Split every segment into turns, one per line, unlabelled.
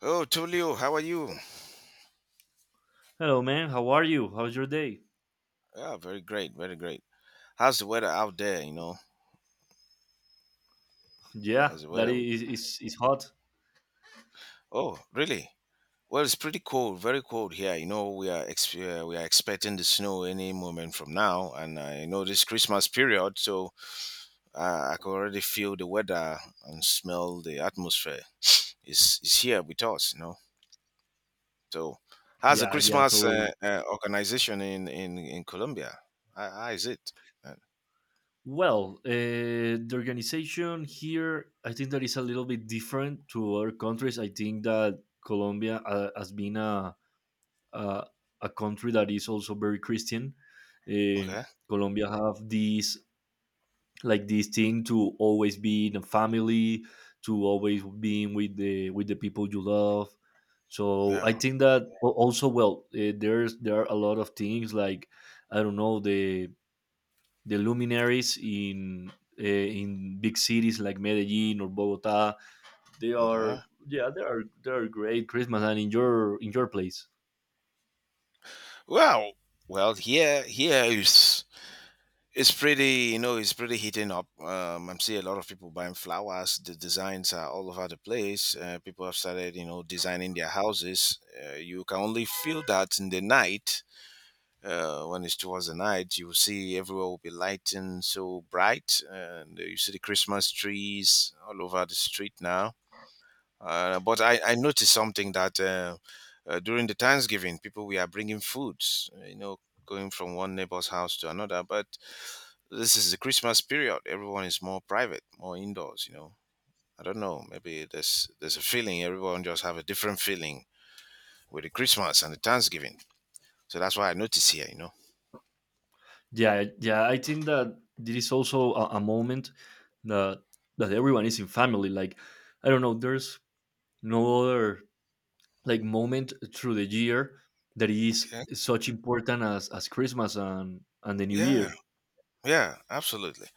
Oh, Tulio, how are you?
Hello, man. How are you? How's your day?
Yeah, very great, very great. How's the weather out there? You know,
Yeah,
how's the
that
weather?
is is, is hot.
Oh, really? Well, it's pretty cold, very cold here. You know, we are expecting the snow any moment from now, and you know this Christmas period, so I can already feel the weather and smell the atmosphere. It's here with us, So, how's the
Yeah, yeah,
Christmas
totally.
organization in Colombia? How is it? Uh,
The organization here, I think that is a little bit different to other countries. I think that Colombia has been a a country that is also very Christian. Uh,
okay.
Colombia have this like this thing to always be in a family, to always being with the people you love. So I
Yeah.
think that there's, there are a lot of things like, I don't know, the luminaries in big cities like Medellin or Bogota. They are,
Okay.
yeah, they are, they are great Christmas. And in your place?
Well, well, here, here is it's pretty, it's pretty heating up. I'm seeing a lot of people buying flowers. The designs are all over the place. People have started, designing their houses. You can only feel that in the night. When it's towards the night, you will see everywhere will be lighting so bright, and you see the Christmas trees all over the street now. But I noticed something that during the Thanksgiving, people we are bringing foods, going from one neighbor's house to another. But this is the Christmas period; everyone is more private, more indoors. You know, I don't know. Maybe there's a feeling everyone just have a different feeling with the Christmas and the Thanksgiving. So that's why I notice here. You know.
Yeah, yeah, I think that this is also a moment that, that everyone is in family. Like, I don't know, there's no other like moment through the year that is
Okay.
such important as Christmas and the New
Yeah.
Year.
Yeah. Absolutely.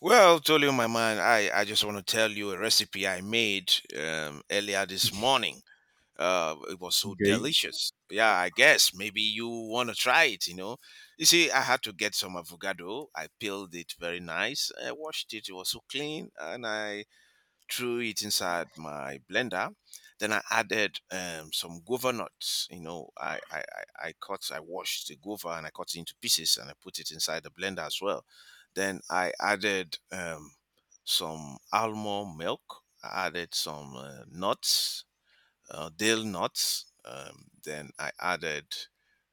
Well, told you my man, I just want to tell you a recipe I made earlier this morning. It was so
Okay.
delicious. Yeah, I guess maybe you want to try it, you know. You see, I had to get some avocado. I peeled it very nice, I washed it, it was so clean, and I threw it inside my blender. Then I added some guava nuts. You know, I cut, I washed the guava and I cut it into pieces and I put it inside the blender as well. Then I added some almond milk. I added some nuts, dill nuts. Then I added,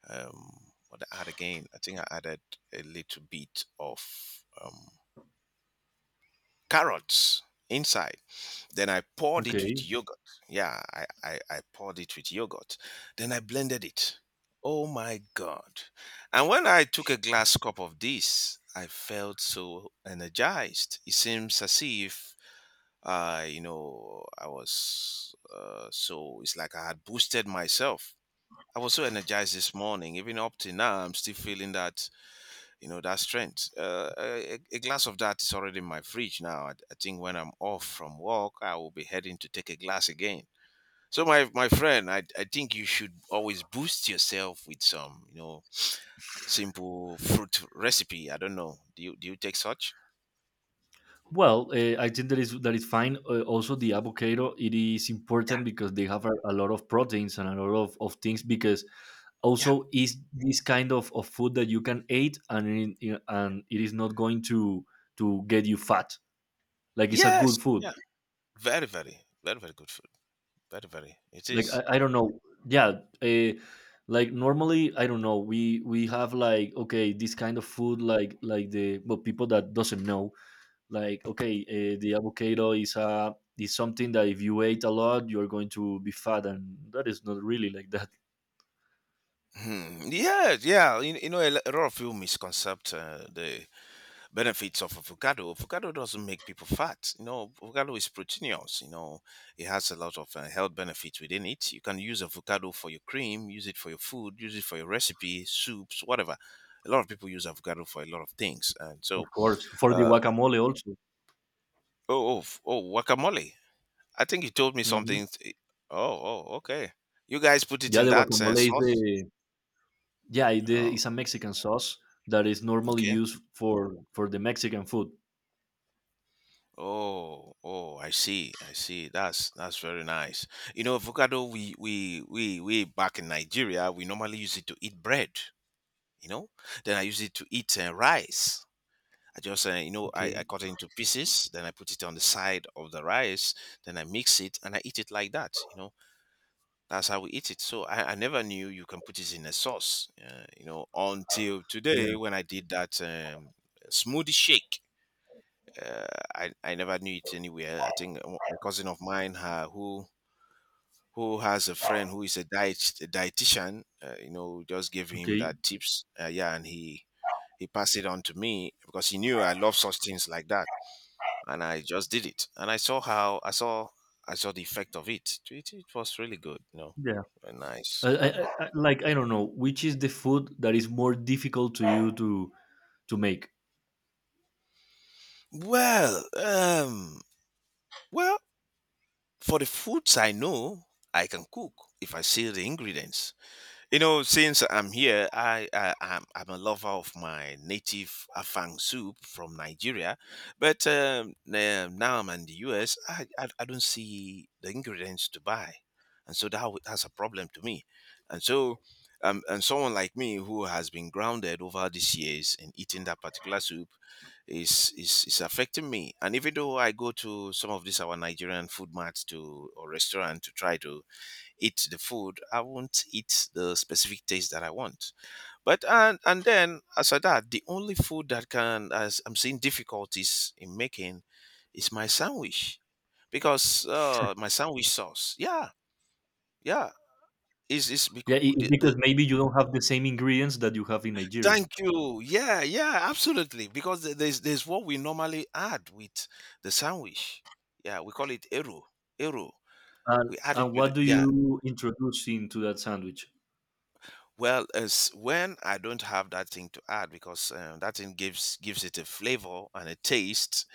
um, what did I add again? I think I added a little bit of carrots inside. Then I poured it with
Okay.
yogurt. Yeah, I poured it with yogurt. Then I blended it. Oh my God. And when I took a glass cup of this, I felt so energized. It seems as if I was so it's like I had boosted myself. I was so energized this morning. Even up to now, I'm still feeling that, you know, that strength. A glass of that is already in my fridge now. I think when I'm off from work, I will be heading to take a glass again. So, my friend, I think you should always boost yourself with some, you know, simple fruit recipe. I don't know. Do you take such?
I think that is fine. Also, the avocado, it is
Yeah.
important because they have a lot of proteins and a lot of things. Because
Yeah.
also is this kind of food that you can eat and and it is not going to get you fat. Like, it's a
Yes.
good food.
Yeah. Very, very, very, very good food. Very, very. It
Like
is.
I don't know, yeah, uh, like normally, I don't know, we have like, okay, this kind of food, like the, but people that doesn't know, like okay, the avocado is a, is something that if you ate a lot you're going to be fat, and that is not really like that.
Hmm. Yeah, yeah. You know, a lot of people misconcept the benefits of avocado. Avocado doesn't make people fat. You know, avocado is proteinous. You know, it has a lot of health benefits within it. You can use avocado for your cream, use it for your food, use it for your recipe, soups, whatever. A lot of people use avocado for a lot of things. And
Of
so,
course, for the
uh,
guacamole also.
oh, oh, guacamole. I think you told me
Hmm.
something. Oh, oh, okay. You guys put it
Yeah,
in
the
that
guacamole is the,
sauce.
yeah, it, the, it's
Oh,
a Mexican sauce that is normally
okay.
used for the Mexican food.
Oh, oh, I see, I see. That's very nice. You know, avocado we back in Nigeria, we normally use it to eat bread, you know? Then I use it to eat rice. I just you know, I
Okay.
cut it into pieces, then I put it on the side of the rice, then I mix it and I eat it like that, you know? That's how we eat it. So I never knew you can put it in a sauce, you know, until
Yeah.
today when I did that smoothie shake. uh, I never knew it anywhere. I think a cousin of mine who has a friend who is a diet a dietitian, you know, just gave him
Okay.
that tips. Yeah, and he passed it on to me because he knew I love such things like that, and I just did it. And I saw the effect of it. It was really good, you know, nice.
I,
Yeah.
I, I, like I don't know which is the food that is more difficult to you to make.
Well, well, for the foods I know, I can cook if I see the ingredients. You know, since I'm here, I'm a lover of my native afang soup from Nigeria, but now I'm in the US. I don't see the ingredients to buy, and so that's a problem to me. And so, and someone like me who has been grounded over these years in eating that particular soup is affecting me. And even though I go to some of these our Nigerian food marts to or restaurant to try to eat the food, I won't eat the specific taste that I want. But and then as for that, the only food that can as I'm seeing difficulties in making is my sandwich because my sandwich sauce. Yeah, yeah. Is is bec-
Yeah, it, it's because
the
maybe you don't have the same ingredients that you have in Nigeria.
thank you. Yeah, yeah, absolutely. Because there's what we normally add with the sandwich. Yeah, we call it eru. Eru. We add it
And
with
what do
yeah,
you introduce into that sandwich?
well, as when I don't have that thing to add because that thing gives it a flavor and a taste.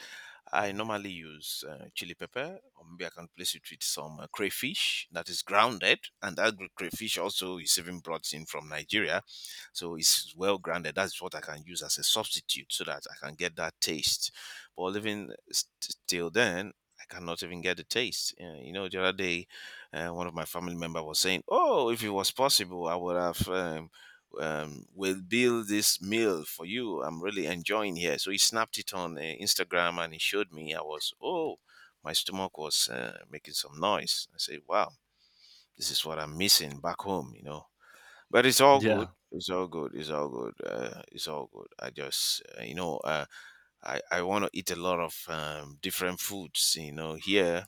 I normally use chili pepper, or maybe I can place it with some crayfish that is grounded, and that crayfish also is even brought in from Nigeria, so it's well grounded. That's what I can use as a substitute, so that I can get that taste. But even st- till then. I cannot even get the taste. You know, the other day, one of my family member was saying, "Oh, if it was possible, I would have we'll build this meal for you. I'm really enjoying here." So he snapped it on Instagram and he showed me. I was, oh, my stomach was making some noise. I said, wow, this is what I'm missing back home, you know. But it's all good.
Yeah,
It's all good. It's all good. It's all good. I just, you know, I want to eat a lot of different foods, you know, here.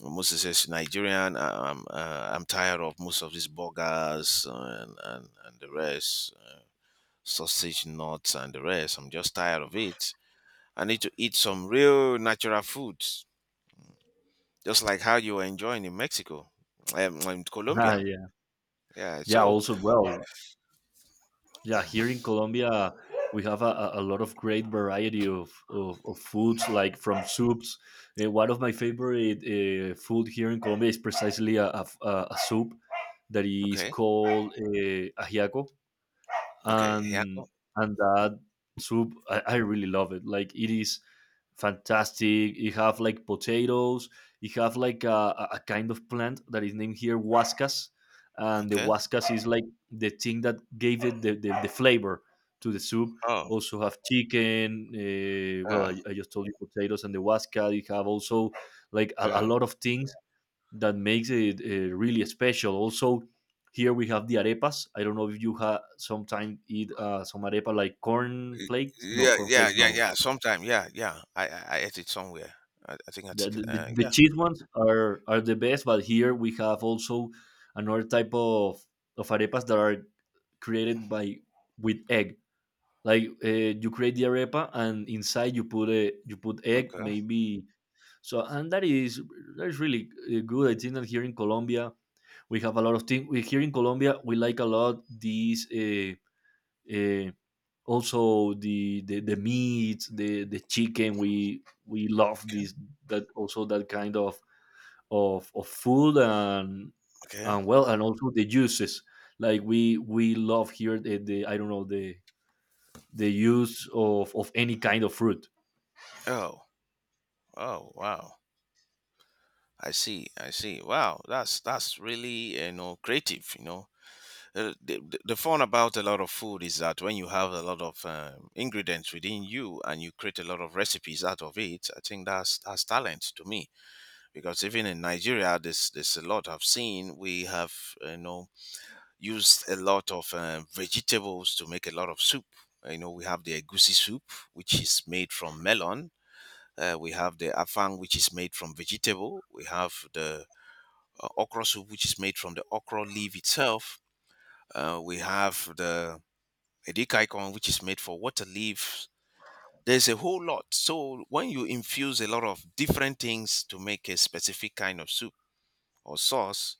Moses says Nigerian. I'm tired of most of these burgers and the rest. Sausage, nuts, and the rest. I'm just tired of it. I need to eat some real natural foods, just like how you were enjoying in Mexico, in
ah,
Colombia.
yeah,
Yeah.
yeah.
So
Also, well, yeah. Here in Colombia, we have a lot of great variety of of foods, like from soups. One of my favorite food here in Colombia is precisely a soup that is
okay,
called ajiaco,
okay, yeah, oh,
and that soup, I really love it. Like, it is fantastic. You have like potatoes. You have like a kind of plant that is named here huascas, and the
okay.
huascas is like the thing that gave it the flavor to the soup.
Oh,
Also have chicken. Well,
yeah,
I just told you potatoes and the huasca. You have also like a
yeah,
lot of things that makes it really special. Also, here we have the arepas. I don't know if you have sometimes eat some arepa like corn
Y-
flakes. No,
yeah,
corn
yeah,
flakes,
yeah,
no.
yeah. Sometime, yeah, yeah. I ate it somewhere. I think I
The,
took.
the
Yeah.
cheese ones are the best. But here we have also another type of arepas that are created by with egg. Like, you create the arepa and inside you put a, you put egg
Okay.
maybe. So, and that is, that is really good. I think that here in Colombia we have a lot of things. We here in Colombia, we like a lot these, uh, also the meat, the chicken. We love
Okay.
this, that also that kind of food. and
Okay.
and well, and also the juices. Like we love here the, I don't know, the use of any kind of fruit.
Oh. Oh. Wow. I see. I see. Wow. That's really, you know, creative. You know, the fun about a lot of food is that when you have a lot of ingredients within you and you create a lot of recipes out of it, I think that's talent to me. Because even in Nigeria, there's a lot I've seen. We have, you know, used a lot of vegetables to make a lot of soup. You know, we have the egusi soup, which is made from melon. We have the afang, which is made from vegetable. We have the okra soup, which is made from the okra leaf itself. We have the a dick icon which is made for water leaves. There's a whole lot. So when you infuse a lot of different things to make a specific kind of soup or sauce,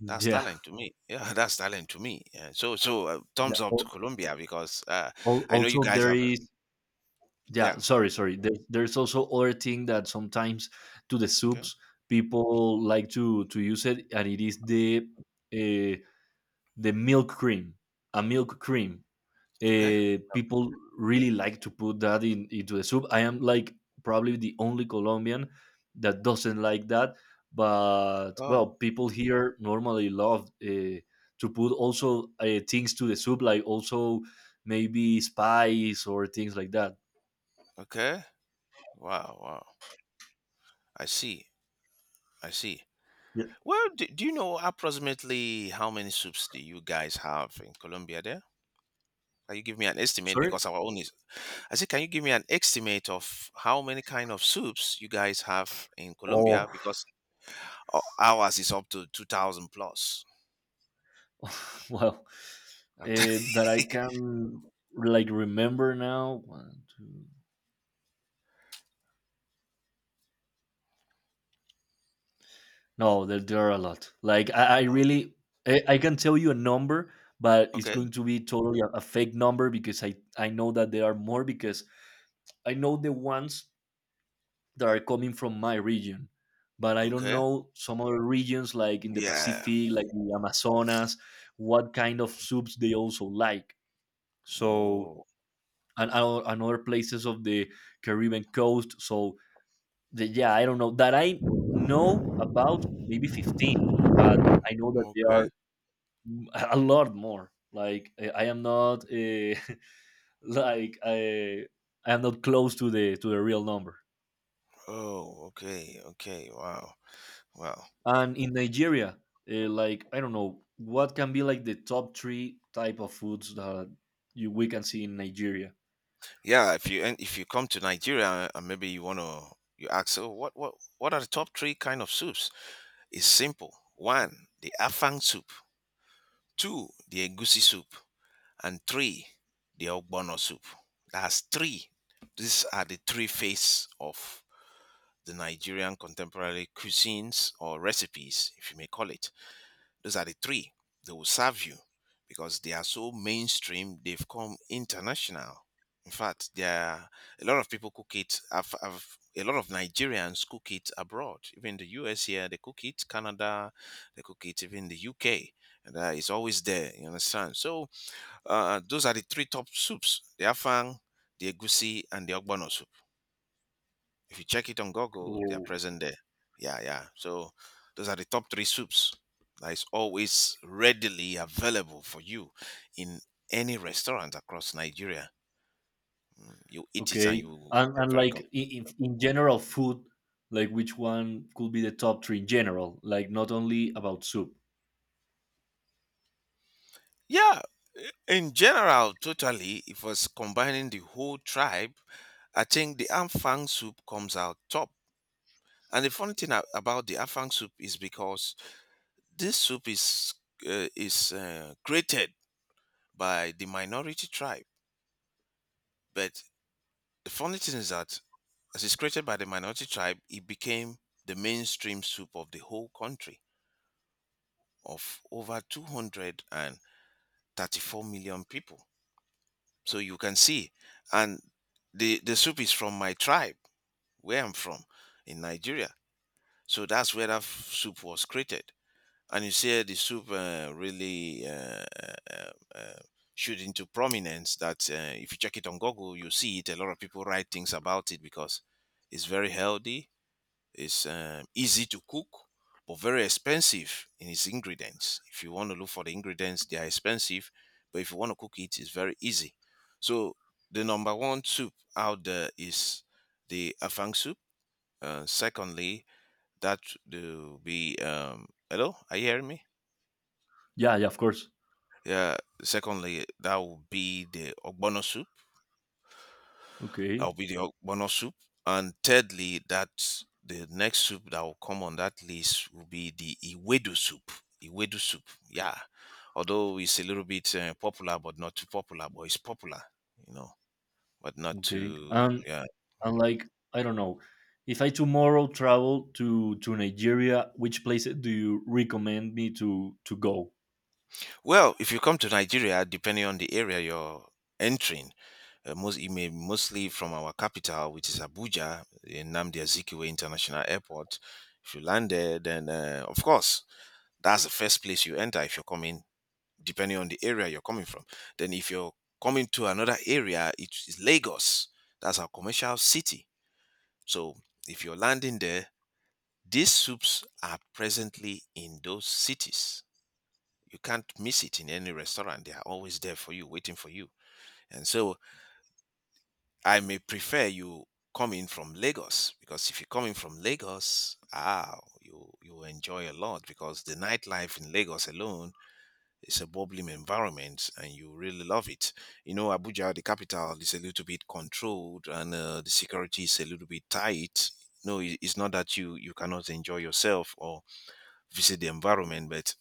that's
Yeah,
talent to me. Yeah, that's talent to me. Yeah. So so
yeah.
thumbs up to Colombia because I know you
Also,
guys
there
have. A,
is, yeah,
yeah.
sorry,
Okay.
sorry, there, there's also other thing that sometimes to the
Okay.
soups people like to use it, and it is uh, the milk cream, a milk cream.
Okay.
People really like to put that in into the soup. I am like probably the only Colombian that doesn't like that, but
Oh.
well, people here normally love to put also things to the soup, like also maybe spice or things like that.
Okay. Wow. Wow. I see. I see.
Yeah.
Well, do you know approximately how many soups do you guys have in Colombia? There, can you give me an estimate
Sorry.
because our own is I said, can you give me an estimate of how many kind of soups you guys have in
Oh,
Colombia? Because ours is up to 2,000 plus.
well,
I'm telling
that I
you.
can like remember now. One, two. No, there are a lot. Like I really, I can tell you a number, but it's
Okay.
going to be totally a fake number because I know that there are more, because I know the ones that are coming from my region, but I don't
Okay.
know some other regions like in the
Yeah.
Pacific, like the Amazonas, what kind of soups they also like. So,
Oh,
and other places of the Caribbean coast. So the, yeah, I don't know that I know about maybe 15, but I know that they are
okay.
a lot more. Like, I am not like I am not close to the real number.
Oh, okay. Okay. Wow. Wow.
And in Nigeria, like I don't know what can be like the top three type of foods that you we can see in Nigeria.
Yeah. If you, and if you come to Nigeria and maybe you want to, you ask, oh, what are the top three kind of soups? It's simple. One, the Afang soup. 2, the egusi soup, and 3, the ogbono soup. That's 3. These are the 3 phases of the Nigerian contemporary cuisines or recipes, if you may call it. Those are the three They will serve you because they are so mainstream, they've come international. In fact, there are a lot of people cook it. A lot of Nigerians cook it abroad. Even the US here, they cook it. Canada, they cook it. Even the UK, and, it's always there. You understand? So those are the three top soups: the afang, the egusi, and the ogbono soup. If you check it on Google, they are present there. Yeah, yeah. So those are the top three soups that is always readily available for you in any restaurant across Nigeria. You eat it and
Okay.
you get
And
very
like
comfortable.
in general food, like which one could be the top three in general, like not only about soup.
Yeah, in general, totally, if was combining the whole tribe, I think the Afang soup comes out top. And the funny thing about the Afang soup is because this soup is, created by the minority tribe, but the funny thing is that as it's created by the minority tribe, it became the mainstream soup of the whole country of over 234 million people. So you can see, and the soup is from my tribe, where I'm from in Nigeria. So that's where that soup was created. And you see the soup really uh, shoot into prominence that, if you check it on Google, you see it. A lot of people write things about it because it's very healthy. It's easy to cook, but very expensive in its ingredients. If you want to look for the ingredients, they are expensive, but if you want to cook it, it's very easy. So the number one soup out there is the afang soup. Secondly, that will be hello, are you hearing me?
Yeah, yeah, of course.
Yeah. Secondly, that would be the ogbono soup. That
Okay.
will be the ogbono soup. And thirdly, that the next soup that will come on that list will be the iwedu soup. Iwedu soup, yeah. Although it's a little bit popular, but not too popular, but it's popular, you know, but not
Okay.
too, yeah.
And like I don't know, if I tomorrow travel to Nigeria, which places do you recommend me to go?
Well, if you come to Nigeria, depending on the area you're entering, most it may mostly from our capital, which is Abuja, in Nnamdi Azikiwe International Airport. If you land there, then, of course, that's the first place you enter if you're coming, depending on the area you're coming from. Then if you're coming to another area, it is Lagos. That's our commercial city. So if you're landing there, these soups are presently in those cities. You can't miss it in any restaurant. They are always there for you, waiting for you. And so I may prefer you come in from Lagos, because if you're coming from Lagos, ah, you will enjoy a lot because the nightlife in Lagos alone, it's a bubbling environment and you really love it. You know, Abuja, the capital, is a little bit controlled, and the security is a little bit tight. No, it's not that you cannot enjoy yourself or visit the environment, but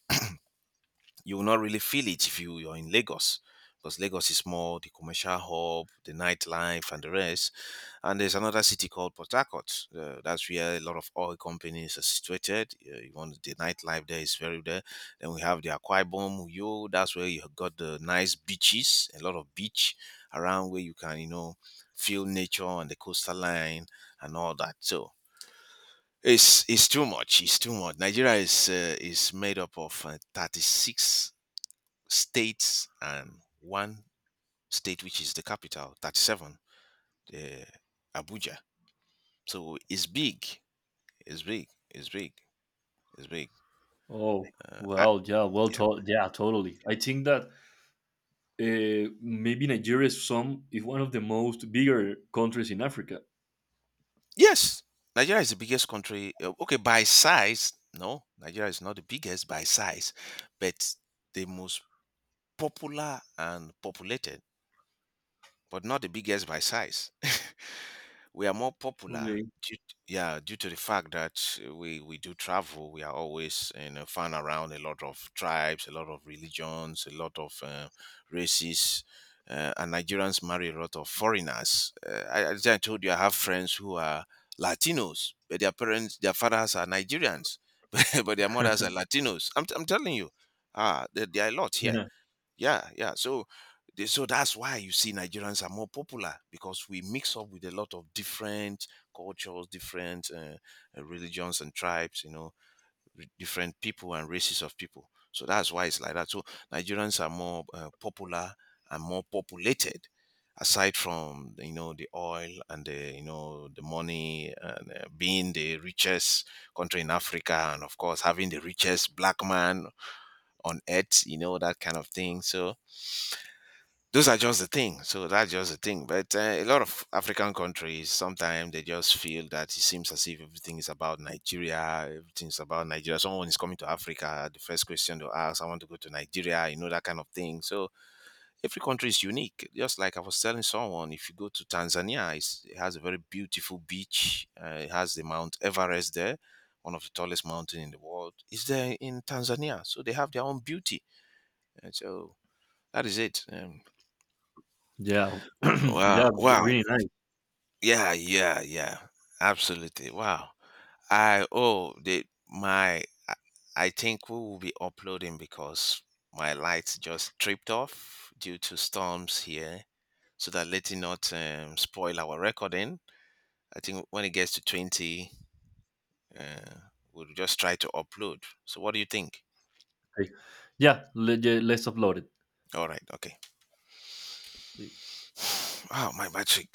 you will not really feel it if you, are in Lagos, because Lagos is more the commercial hub, the nightlife, and the rest. And there's another city called Port Harcourt. That's where a lot of oil companies are situated. You want, the nightlife there is very there. Then we have the Akwa Ibom, Uyo. That's where you got the nice beaches, a lot of beach around where you can, you know, feel nature and the coastal line and all that. So it's too much. It's too much. Nigeria is, made up of, 36 states and one state, which is the capital, 37, uh, Abuja, so it's big, it's big, it's big, it's big.
Oh,
uh, I-
well, yeah, well,
yeah.
yeah, totally. I think that maybe Nigeria is some is one of the most bigger countries in Africa.
Yes, Nigeria is the biggest country, okay, by size, no, Nigeria is not the biggest by size, but the most popular and populated, but not the biggest by size. We are more popular
Okay.
due, yeah, due to the fact that, we do travel, we are always, you know, found around a lot of tribes, a lot of religions, a lot of, races, and Nigerians marry a lot of foreigners. As I told you, I have friends who are Latinos, but their parents, their fathers are Nigerians, but their mothers are Latinos. I'm telling you, ah, there are a lot here. Yeah, yeah. So, so that's why you see Nigerians are more popular, because we mix up with a lot of different cultures, different, religions and tribes. You know, different people and races of people. So that's why it's like that. So Nigerians are more, popular and more populated. Aside from the oil, and the you know the money, and being the richest country in Africa, and of course having the richest black man on earth, you know, that kind of thing. So those are just the thing. So that's just the thing. But a lot of African countries sometimes, they just feel that it seems as if everything is about Nigeria. Everything's about Nigeria. Someone is coming to Africa, the first question to ask, I want to go to Nigeria. You know, that kind of thing. So every country is unique. Just like I was telling someone, if you go to Tanzania, it has a very beautiful beach. It has the Mount Everest there. One of the tallest mountain in the world is there in Tanzania, so they have their own beauty, and so that is it.
Yeah,
Wow,
yeah,
wow.
really nice.
Yeah, yeah, yeah. Absolutely. Wow. I oh the my I I think we will be uploading because my lights just tripped off due to storms here. So that, let it not spoil our recording. I think when it gets to 20, uh, we'll just try to upload. So what do you think?
Like, yeah, yeah, let's upload
All right. Okay.
it.
Wow, my battery